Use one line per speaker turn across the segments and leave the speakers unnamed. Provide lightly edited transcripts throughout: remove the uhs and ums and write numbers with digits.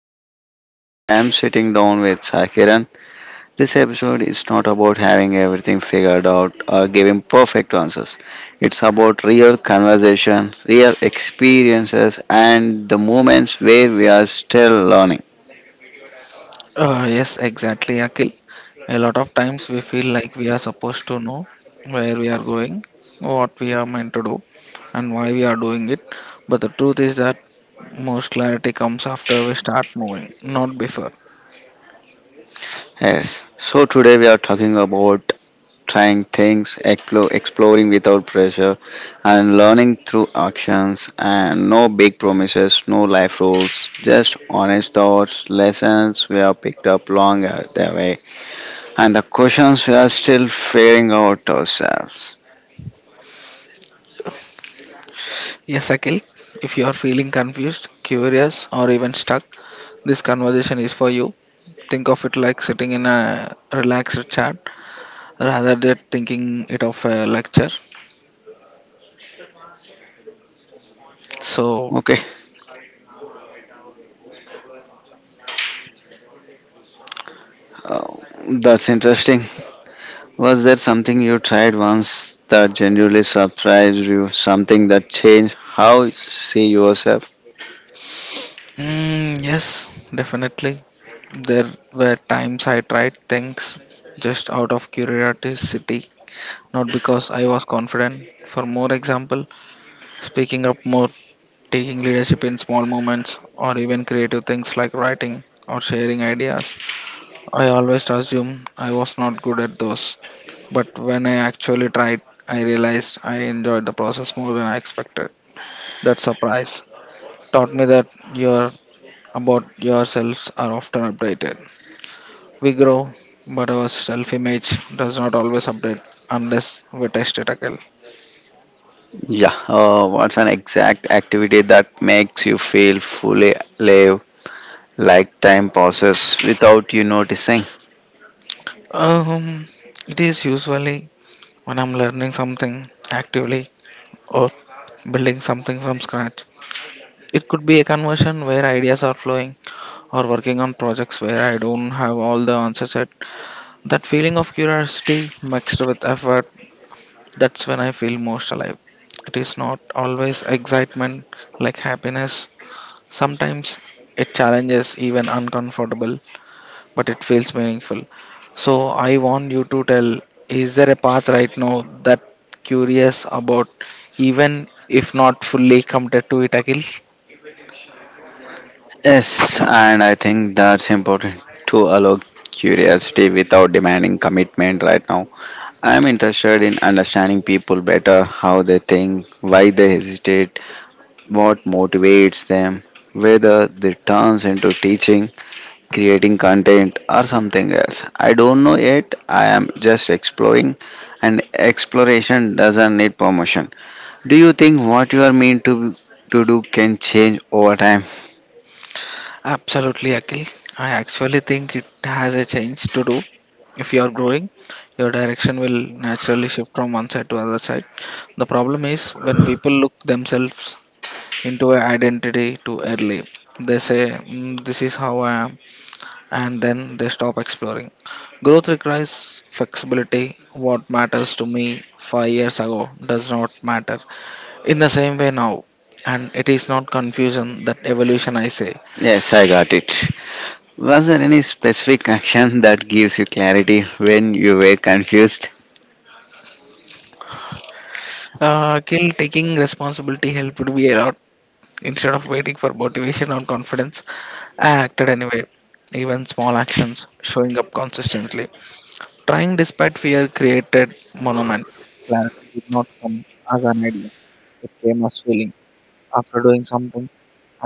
Akhil and today I'm sitting down with Sakiran. This episode is not about having everything figured out or giving perfect answers. It's about real conversation, real experiences and the moments where we are still learning.
Yes, exactly, Akhil. A lot of times we feel like we are supposed to know where we are going, what we are meant to do, and why we are doing it. But the truth is that most clarity comes after we start moving, not before.
Yes. So today we are talking about trying things, exploring without pressure, and learning through actions. And no big promises, no life rules, just honest thoughts, lessons we have picked up long the way, and the questions we are still figuring out ourselves.
Yes, Akhil, if you are feeling confused, curious, or even stuck, this conversation is for you. Think of it like sitting in a relaxed chat rather than thinking it of a lecture. So,
Okay, uh, that's interesting. Was there something you tried once that genuinely surprised you? Something that changed how you see yourself?
Yes, definitely. There were times I tried things just out of curiosity, not because I was confident. For more example, speaking up more, taking leadership in small moments, or even creative things like writing or sharing ideas. I always assumed I was not good at those, but when I actually tried, I realized I enjoyed the process more than I expected. That surprise taught me that your about yourselves are often updated. We grow, but our self image does not always update unless we test it again.
Yeah, what's an exact activity that makes you feel fully alive, like time passes without you noticing?
Um, it is usually when I'm learning something actively or building something from scratch. It could be a conversion where ideas are flowing or working on projects where I don't have all the answers yet. That feeling of curiosity mixed with effort, that's when I feel most alive. It is not always excitement like happiness. Sometimes it challenges even uncomfortable, but it feels meaningful. So I want you to tell is there a path right now that curious about even if not fully committed to it, Akhil?
Yes, and I think that's important to allow curiosity without demanding commitment right now. I'm interested in understanding people better, how they think, why they hesitate, what motivates them, whether they turns into teaching creating content, or something else. I don't know yet. I am just exploring, and exploration doesn't need permission. Do you think what you are meant to do can change over time?
Absolutely, Akhil. I actually think it has a change to do. If you are growing, your direction will naturally shift from one side to other side. The problem is when people look themselves into an identity too early. They say, "Mm, this is how I am," and then they stop exploring. Growth requires flexibility. What matters to me 5 years ago does not matter in the same way now. And it is not confusion that evolution I say.
Yes, I got it. Was there any specific action that gives you clarity when you were confused?
Kill taking responsibility helped me a lot. Instead of waiting for motivation or confidence, I acted anyway. Even small actions showing up consistently. Trying despite fear created monument. Clarity did not come as an idea. It came as feeling. After doing something,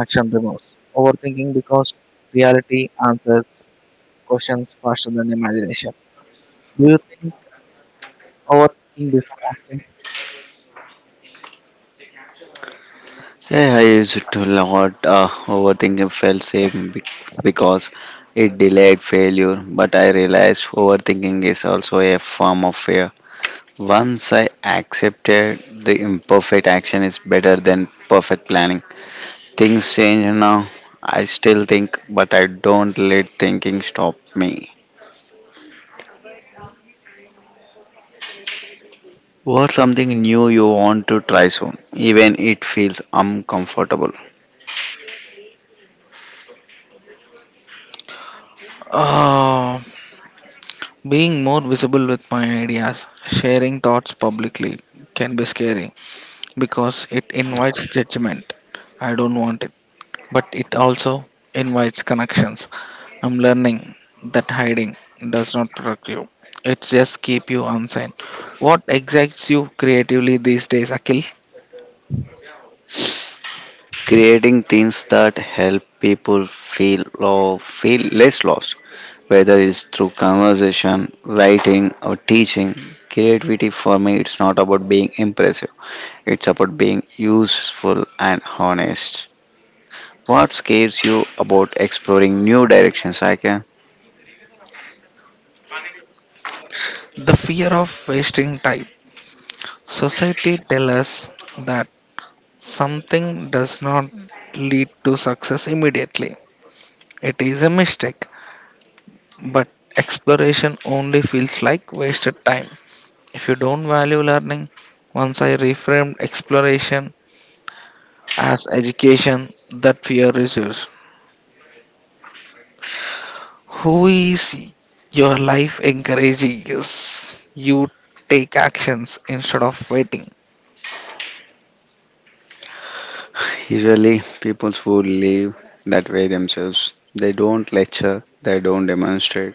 action remorse. Overthinking because reality answers questions faster than imagination. Do you think overthinking before acting?
Yeah, I used to a lot overthinking felt because it delayed failure, but I realized overthinking is also a form of fear. Once I accepted the imperfect action is better than perfect planning. Things change now. I still think, but I don't let thinking stop me. What's something new you want to try soon, even it feels uncomfortable?
Uh, being more visible with my ideas, sharing thoughts publicly can be scary because it invites judgment. I don't want it, but it also invites connections. I'm learning that hiding does not protect you. It just keep you unsigned. What excites you creatively these days, Akil?
Creating things that help people feel or feel less lost, whether it's through conversation, writing, or teaching. Creativity for me, it's not about being impressive. It's about being useful and honest. What scares you about exploring new directions, Aika?
The fear of wasting time. Society tells us that something does not lead to success immediately. It is a mistake, but exploration only feels like wasted time. If you don't value learning, once I reframed exploration as education that fear reserves. Who is your life encouraging? Yes, you take actions instead of waiting.
Usually, people who live that way themselves, they don't lecture, they don't demonstrate.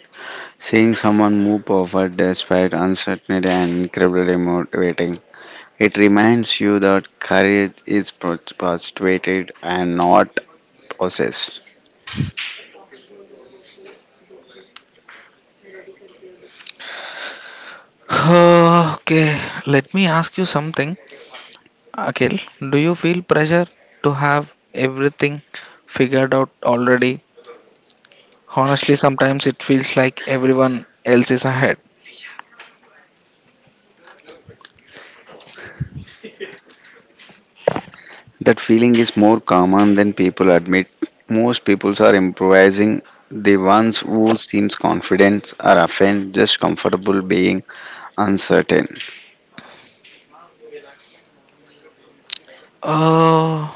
Seeing someone move forward despite uncertainty and incredibly motivating. It reminds you that courage is perpetuated and not possessed.
Okay, let me ask you something. Akhil, do you feel pressure to have everything figured out already? Honestly, sometimes it feels like everyone else is ahead.
That feeling is more common than people admit. Most people are improvising. The ones who seems confident are often just comfortable being uncertain.
Oh,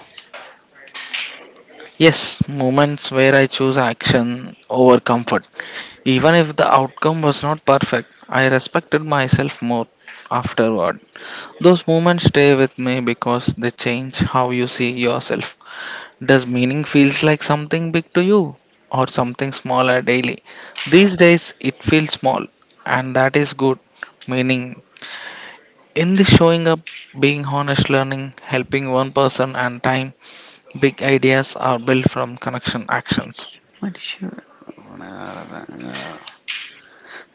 yes, moments where I choose action over comfort. Even if the outcome was not perfect, I respected myself more afterward. Those moments stay with me because they change how you see yourself. Does meaning feels like something big to you or something smaller daily? These days it feels small and that is good. Meaning in the showing up, being honest learning, helping one person and time, big ideas are built from connection actions.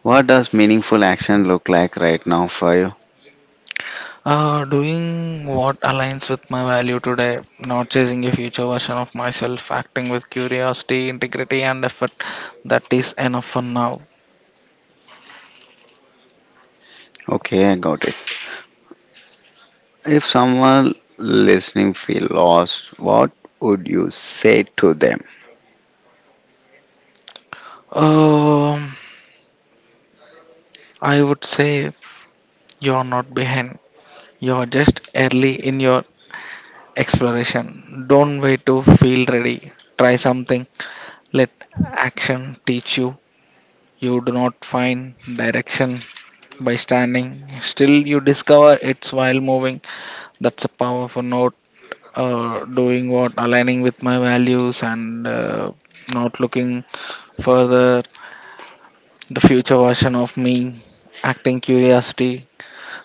What does meaningful action look like right now for you?
Doing what aligns with my value today, not chasing a future version of myself, acting with curiosity, integrity, and effort. That is enough for now.
Okay, I got it. If someone listening feel lost, what would you say to them?
Um, I would say you're not behind, you're just early in your exploration. Don't wait to feel ready, try something, let action teach you. You do not find direction by standing still, you discover it's while moving. That's a powerful note, doing what aligning with my values, and not looking further the future version of me acting curiosity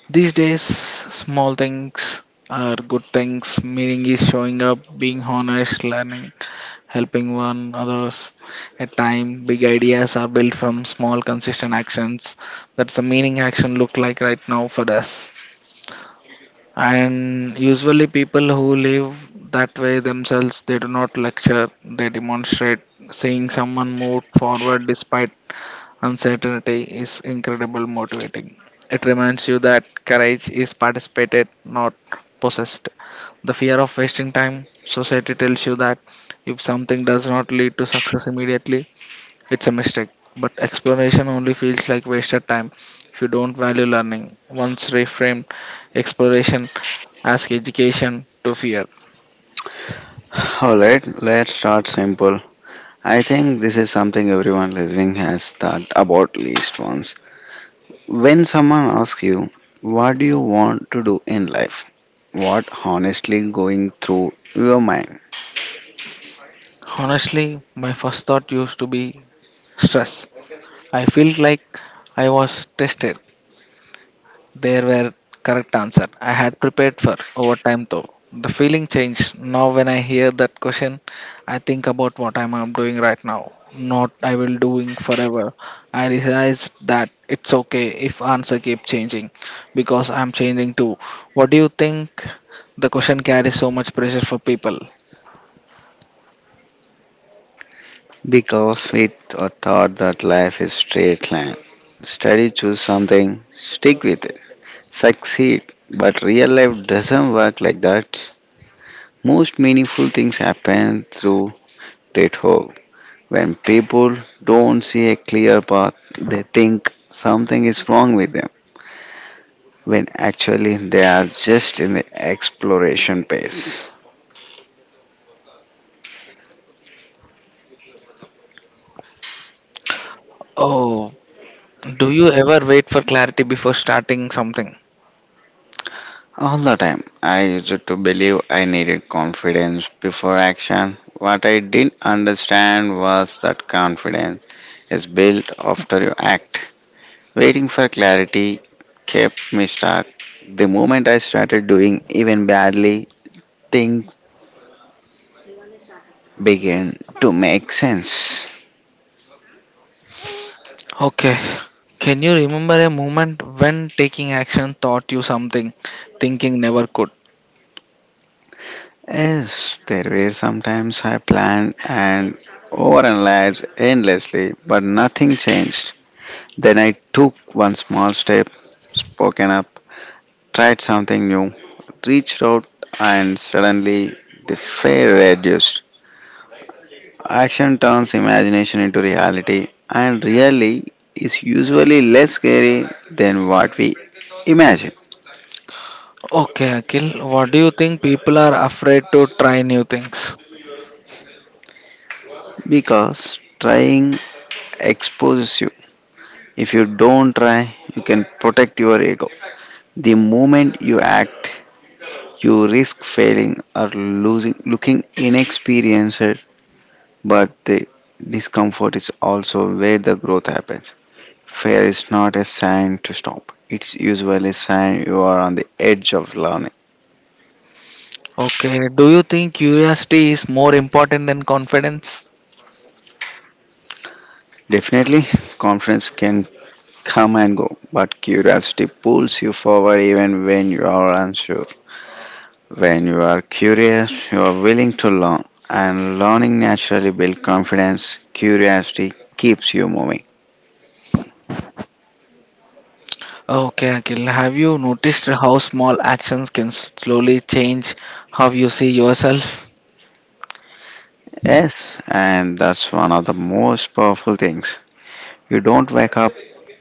these days small things are good things meaning is showing up being honest learning helping one others at time big ideas are built from small consistent actions that's the meaning action look like right now for us and usually, people who live that way themselves, they do not lecture, they demonstrate. Seeing someone move forward despite uncertainty is incredible motivating. It reminds you that courage is participated, not possessed. The fear of wasting time, society tells you that if something does not lead to success immediately, it's a mistake, but exploration only feels like wasted time if you don't value learning. Once reframed exploration as education to fear.
Alright, let's start simple. I think this is something everyone listening has thought about least once. When someone asks you, what do you want to do in life? What honestly going through your mind?
Honestly, my first thought used to be stress. I felt like I was tested. There were correct answer. I had prepared for over time though. The feeling changed. Now when I hear that question, I think about what I'm doing right now, not I will doing forever. I realized that it's okay if answer keep changing because I'm changing too. What do you think? The question carries so much pressure for people.
Because we are taught that life is straight line. Study, choose something, stick with it, succeed. But real life doesn't work like that. Most meaningful things happen through detour. When people don't see a clear path, they think something is wrong with them. When actually they are just in the exploration phase.
Oh, do you ever wait for clarity before starting something?
All the time, I used to believe I needed confidence before action. What I didn't understand was that confidence is built after you act. Waiting for clarity kept me stuck. The moment I started doing even badly, things began to make sense.
Okay. Can you remember a moment when taking action taught you something thinking never could?
Yes, there were sometimes I planned and overanalyzed endlessly, but nothing changed. Then I took one small step, spoken up, tried something new, reached out, and suddenly the fear reduced. Action turns imagination into reality, and really is usually less scary than what we imagine
Okay, Akhil, what do you think people are afraid to try new things?
because trying exposes you. If you don't try, you can protect your ego. The moment you act, you risk failing or losing, looking inexperienced, but the discomfort is also where the growth happens. Fear is not a sign to stop, it's usually a sign you are on the edge of learning.
Okay, do you think curiosity is more important than confidence?
Definitely, confidence can come and go, but curiosity pulls you forward even when you are unsure. When you are curious, you are willing to learn, and learning naturally builds confidence. Curiosity keeps you moving.
Okay, Akhil, have you noticed how small actions can slowly change how you see yourself?
Yes, and that's one of the most powerful things. You don't wake up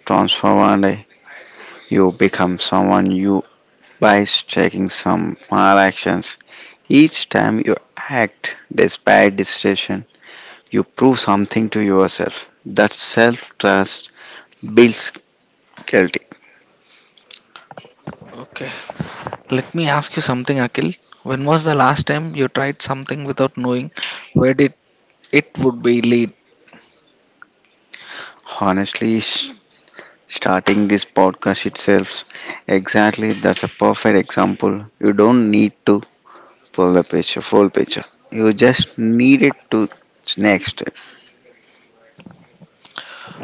transformed, one day. You become someone you by taking some small actions. Each time you act despite decision, you prove something to yourself. That self trust builds guilty.
Okay, let me ask you something, Akhil. When was the last time you tried something without knowing where did it would be lead?
Honestly, starting this podcast itself, exactly that's a perfect example. You don't need to full picture. You just need it to next step.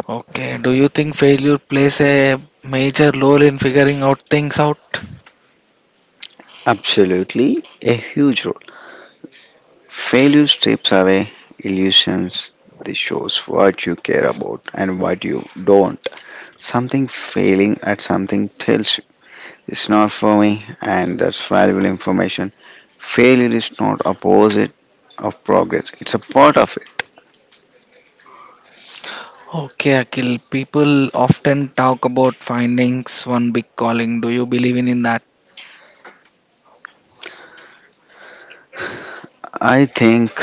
Okay, do you think failure plays a major role in figuring out things out?
Absolutely a huge role. Failure strips away illusions. This shows what you care about and what you don't. Something failing at something tells you it's not for me, and that's valuable information. Failure is not opposite of progress. It's a part of it.
Okay, Akhil, people often talk about findings one big calling. Do you believe in that?
I think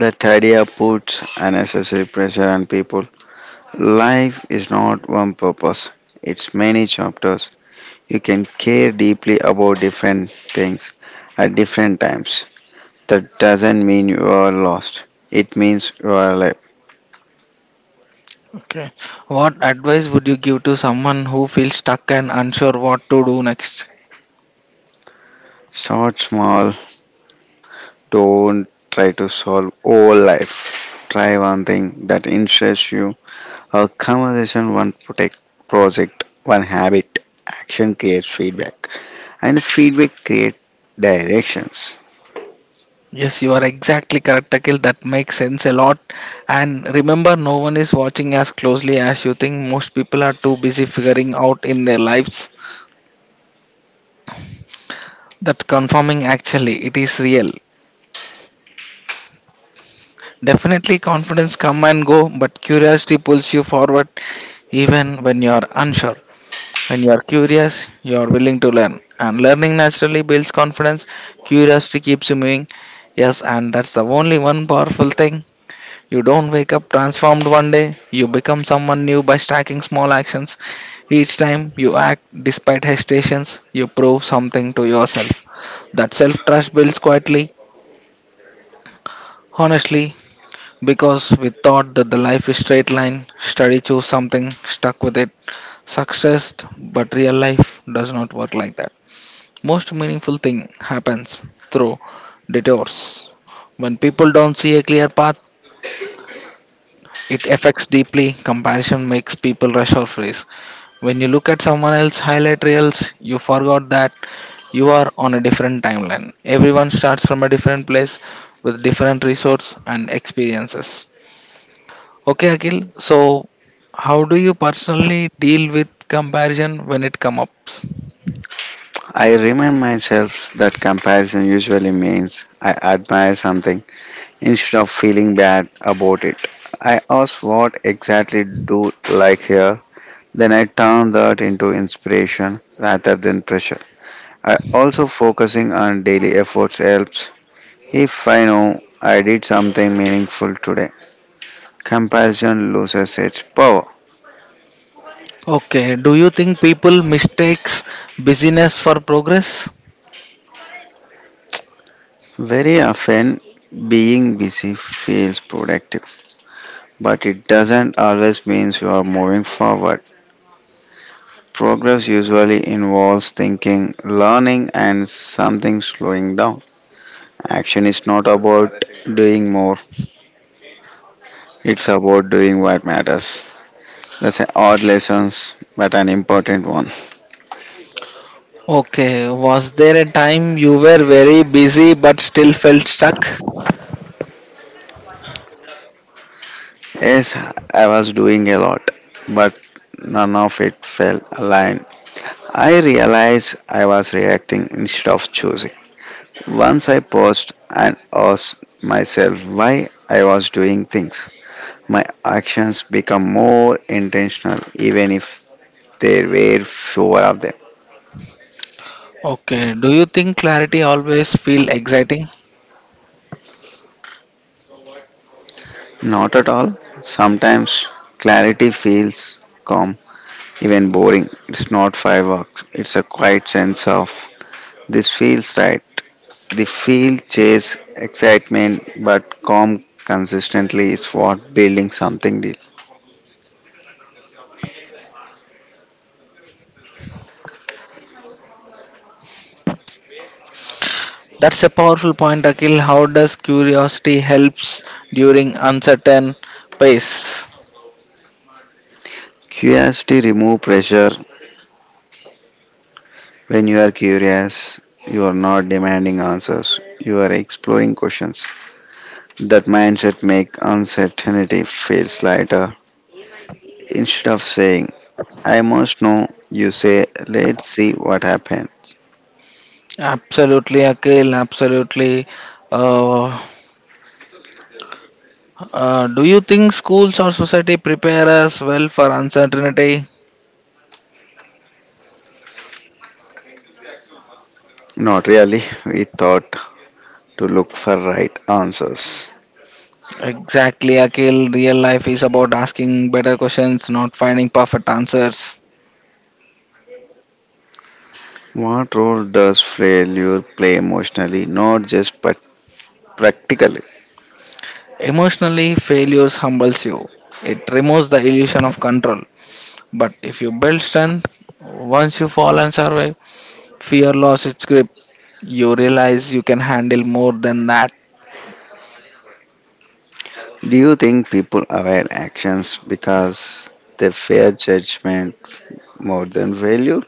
that idea puts unnecessary pressure on people. Life is not one purpose, it's many chapters. You can care deeply about different things at different times. That doesn't mean you are lost, it means you are alive.
Okay. What advice would you give to someone who feels stuck and unsure what to do next?
Start small, don't try to solve all life. Try one thing that interests you, a conversation, project, one habit. Action creates feedback, and feedback creates directions.
Yes, you are exactly correct, Akhil. That makes sense a lot. And remember, no one is watching as closely as you think. Most people are too busy figuring out in their lives that conforming actually it is real. Definitely confidence come and go, but curiosity pulls you forward even when you are unsure. When you are curious, you are willing to learn. And learning naturally builds confidence. Curiosity keeps you moving. Yes, and that's the only one powerful thing. You don't wake up transformed one day. You become someone new by stacking small actions. Each time you act despite hesitations, you prove something to yourself. That self trust builds quietly. Honestly, because we thought that the life is straight line, study choose something, stuck with it, success, but real life does not work like that. Most meaningful thing happens through detours. When people don't see a clear path, it affects deeply. Comparison makes people rush or freeze. When you look at someone else's highlight reels, you forgot that you are on a different timeline. Everyone starts from a different place with different resources and experiences. Okay, Akhil. So, how do you personally deal with comparison when it comes up?
I remind myself that comparison usually means I admire something instead of feeling bad about it. I ask what exactly do like here, then I turn that into inspiration rather than pressure. I also focusing on daily efforts helps if I know I did something meaningful today. Comparison loses its power.
Okay, do you think people mistakes busyness for progress?
Very often being busy feels productive, but it doesn't always means you are moving forward. Progress usually involves thinking, learning, and something slowing down. Action is not about doing more, it's about doing what matters. That's an odd lesson, but an important one.
Okay, was there a time you were very busy but still felt stuck?
Yes, I was doing a lot, but none of it felt aligned. I realized I was reacting instead of choosing. Once I paused and asked myself why I was doing things, my actions become more intentional, even if there were fewer of them.
Okay, do you think clarity always feel exciting?
Not at all. Sometimes clarity feels calm, even boring. It's not fireworks, it's a quiet sense of this feels right. The feel chase excitement, but calm consistently is what building something deal.
That's a powerful point, Akhil. How does curiosity helps during uncertain pace?
Curiosity remove pressure. When you are curious, you are not demanding answers, you are exploring questions. That mindset make uncertainty feels lighter. Instead of saying, I must know, you say, let's see what happens.
Absolutely, Akhil. Absolutely. Uh, do you think schools or society prepare us well for uncertainty?
Not really, we thought to look for right answers.
Exactly, Akhil. Real life is about asking better questions, not finding perfect answers.
What role does failure play emotionally, not just but practically?
Emotionally, failures humbles you. It removes the illusion of control. But if you build strength, once you fall and survive, fear lost its grip. You realize you can handle more than that.
Do you think people avoid actions because they fear judgment more than failure?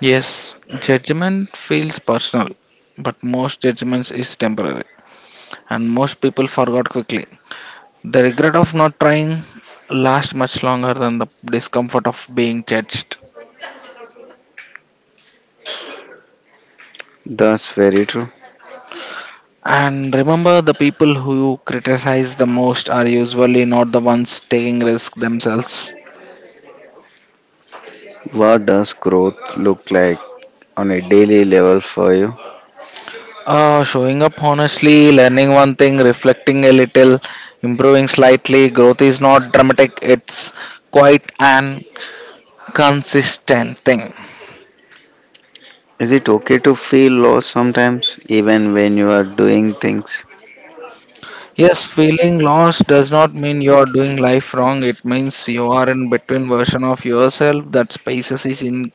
Yes, judgment feels personal, but most judgments is temporary, and most people forgot quickly. The regret of not trying lasts much longer than the discomfort of being judged.
That's very true.
And remember, the people who criticize the most are usually not the ones taking risk themselves.
What does growth look like on a daily level for you?
Showing up honestly, learning one thing, reflecting a little, improving slightly. Growth is not dramatic, it's quite an consistent thing.
Is it okay to feel lost sometimes, even when you are doing things?
Yes, feeling lost does not mean you are doing life wrong. It means you are in between version of yourself that spaces is in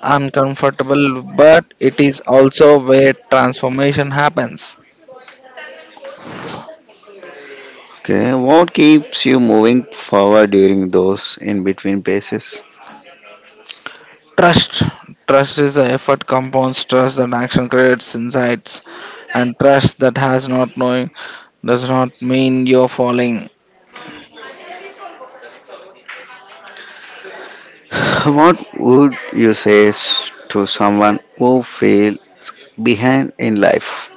uncomfortable, but it is also where transformation happens.
Okay, what keeps you moving forward during those in between phases?
Trust. Trust is the effort compounds trust that action creates insights, and trust that has not knowing does not mean you're falling.
What would you say to someone who feel behind in life?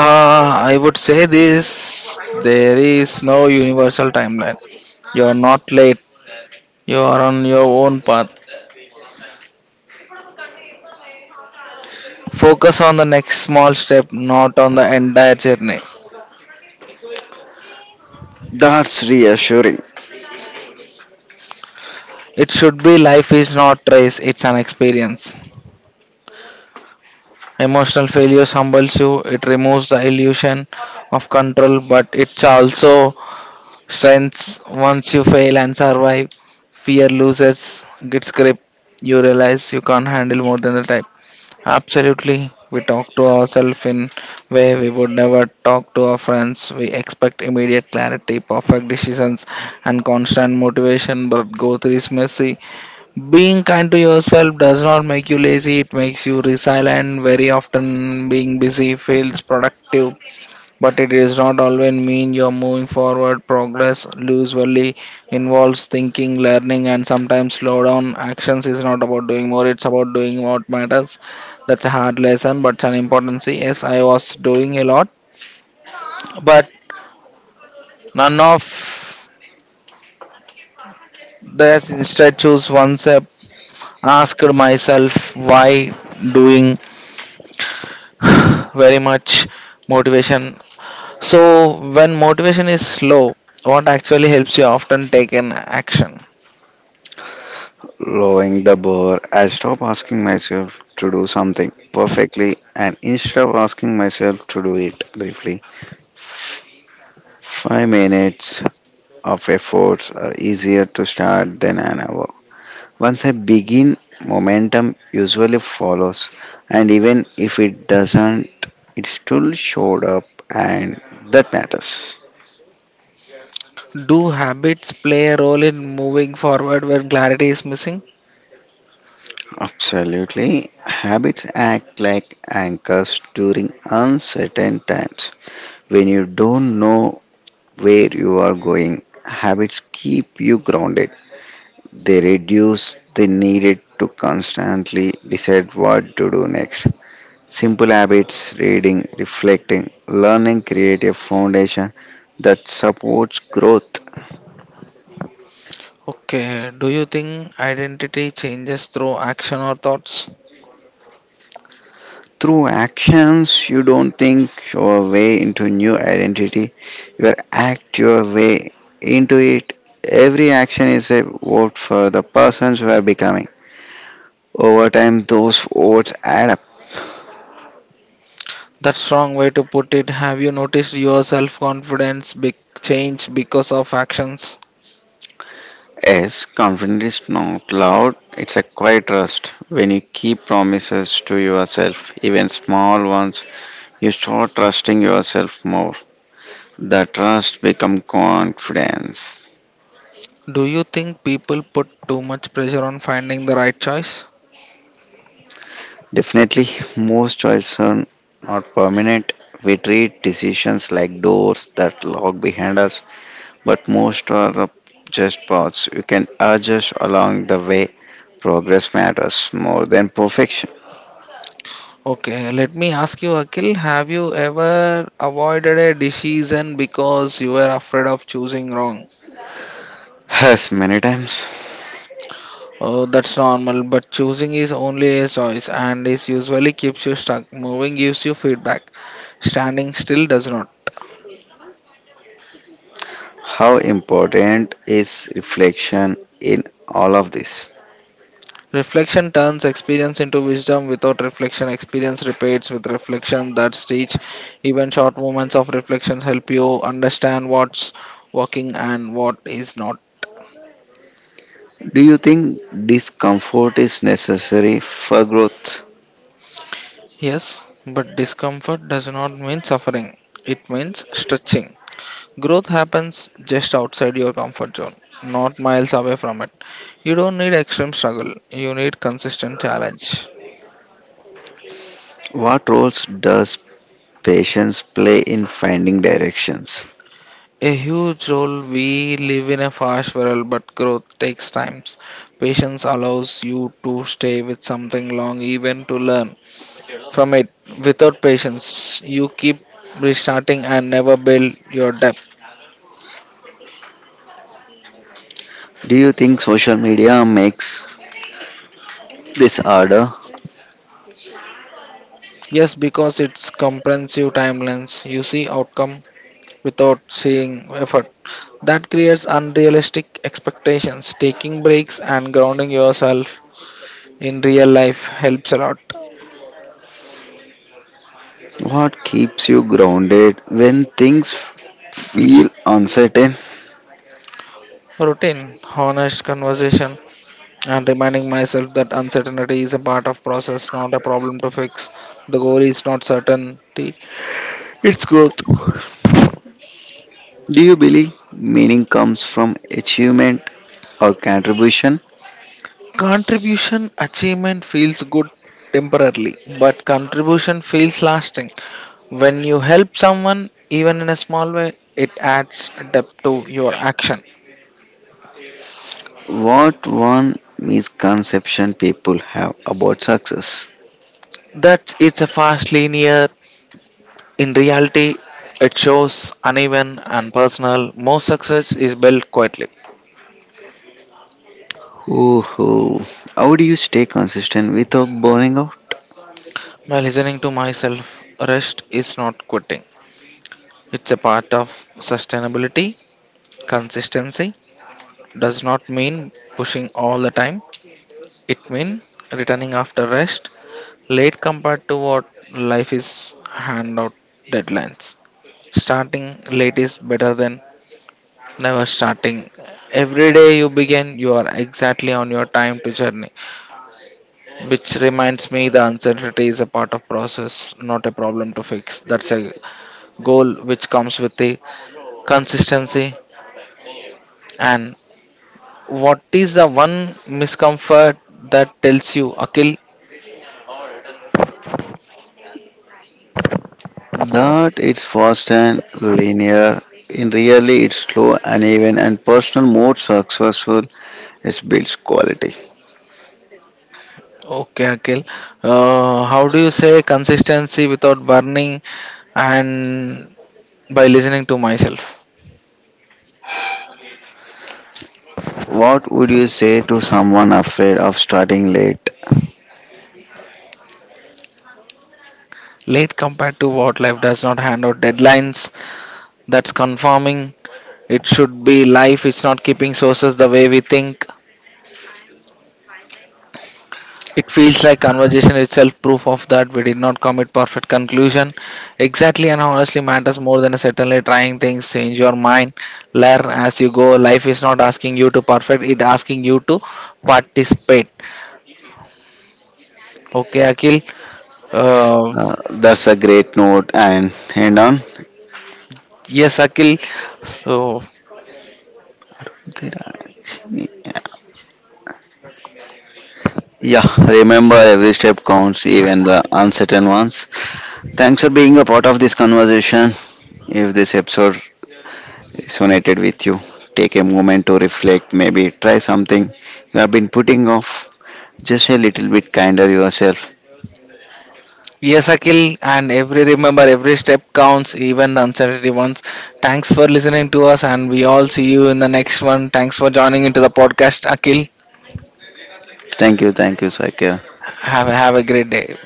I would say this there is no universal timeline. You are not late, you are on your own path. Focus on the next small step, not on the entire journey.
That's reassuring.
It should be life is not race, it's an experience. Emotional failure humbles you, it removes the illusion of control, but it's also strengths. Once you fail and survive, fear loses its grip. You realize you can't handle more than the type. Absolutely. We talk to ourselves in way we would never talk to our friends. We expect immediate clarity, perfect decisions, and constant motivation, but growth is messy. Being kind to yourself does not make you lazy, it makes you resilient. Very often, being busy feels productive, but it does not always mean you're moving forward. Progress usually involves thinking, learning, and sometimes slow down. Actions is not about doing more, it's about doing what matters. That's a hard lesson, but it's an important thing. Yes, I was doing a lot, but none of this instead choose one step. Asked myself why doing very much motivation. So, when motivation is low, what actually helps you often take an action?
Lowering the bar, I stop asking myself to do something perfectly and instead of asking myself to do it briefly. 5 minutes of efforts are easier to start than an hour. Once I begin, momentum usually follows, and even if it doesn't, it still showed up, and that matters.
Do habits play a role in moving forward when clarity is missing?
Absolutely. Habits act like anchors during uncertain times. When you don't know where you are going, habits keep you grounded. They reduce the need to constantly decide what to do next. Simple habits, reading, reflecting, learning create a foundation that supports growth.
Okay, do you think identity changes through action or thoughts?
Through actions, you don't think your way into new identity, you act your way into it. Every action is a vote for the persons you are becoming. Over time, those votes add up.
That's strong way to put it. Have you noticed your self confidence big change because of actions?
Yes, confidence is not loud, it's a quiet trust. When you keep promises to yourself, even small ones, you start trusting yourself more. That trust become confidence.
Do you think people put too much pressure on finding the right choice?
Definitely, most choices are not permanent. We treat decisions like doors that lock behind us, but most are just paths. You can adjust along the way. Progress matters more than perfection.
Okay, let me ask you, Akhil, have you ever avoided a decision because you were afraid of choosing wrong?
Yes, many times.
Oh, that's normal, but choosing is only a choice and is usually keeps you stuck. Moving gives you feedback, standing still does not.
How important is reflection in all of this?
Reflection turns experience into wisdom. Without reflection, experience repeats. With reflection, that's teach. Even short moments of reflections help you understand what's working and what is not.
Do you think discomfort is necessary for growth?
Yes, but discomfort does not mean suffering. It means stretching. Growth happens just outside your comfort zone, not miles away from it. You don't need extreme struggle, you need consistent challenge.
What roles does patience play in finding directions?
A huge role we live in a fast world, but growth takes time. Patience allows you to stay with something long, even to learn from it. Without patience, you keep restarting and never build your depth.
Do you think social media makes this harder?
Yes, because it's comprehensive timelines. You see outcome without seeing effort. That creates unrealistic expectations. Taking breaks and grounding yourself in real life helps a lot.
What keeps you grounded when things feel uncertain?
Routine, honest conversation, and reminding myself that uncertainty is a part of process, not a problem to fix. The goal is not certainty, it's growth.
Do you believe meaning comes from achievement or contribution?
Contribution achievement feels good temporarily, but contribution feels lasting. When you help someone, even in a small way, it adds depth to your action.
What one misconception people have about success?
That it's a fast linear. In reality, it shows uneven and personal. Most success is built quietly.
Hoo hoo. How do you stay consistent without burning out?
By listening to myself, rest is not quitting. It's a part of sustainability. Consistency does not mean pushing all the time. It means returning after rest, late compared to what life is hand out deadlines. Starting late is better than never starting. Every day you begin, you are exactly on your time to journey. Which reminds me the uncertainty is a part of process, not a problem to fix. That's a goal which comes with the consistency. And what is the one miscomfort that tells you, Akil,
That it's fast and linear. In really, it's slow, uneven, and personal. More successful, it builds quality.
okay, Akhil. How do you say consistency without burning and by listening to myself?
What would you say to someone afraid of starting late?
Late compared to what life does not hand out deadlines. That's confirming. It should be life. It's not keeping sources the way we think. It feels like conversation itself proof of that we did not commit perfect conclusion. Exactly and honestly matters more than certainly trying things, change your mind, learn as you go. Life is not asking you to perfect, it asking you to participate. Okay, Akhil. Uh,
That's a great note. And hand on.
yes, Akhil. So,
Yeah, remember every step counts, even the uncertain ones. Thanks for being a part of this conversation. If this episode resonated with you, take a moment to reflect, maybe try something you have been putting off just a little bit kinder yourself.
yes, Akhil. And every remember, every step counts, even the uncertainty ones. Thanks for listening to us, and we all see you in the next one. Thanks for joining into the podcast, Akhil.
Thank you, Sakya.
Have a great day.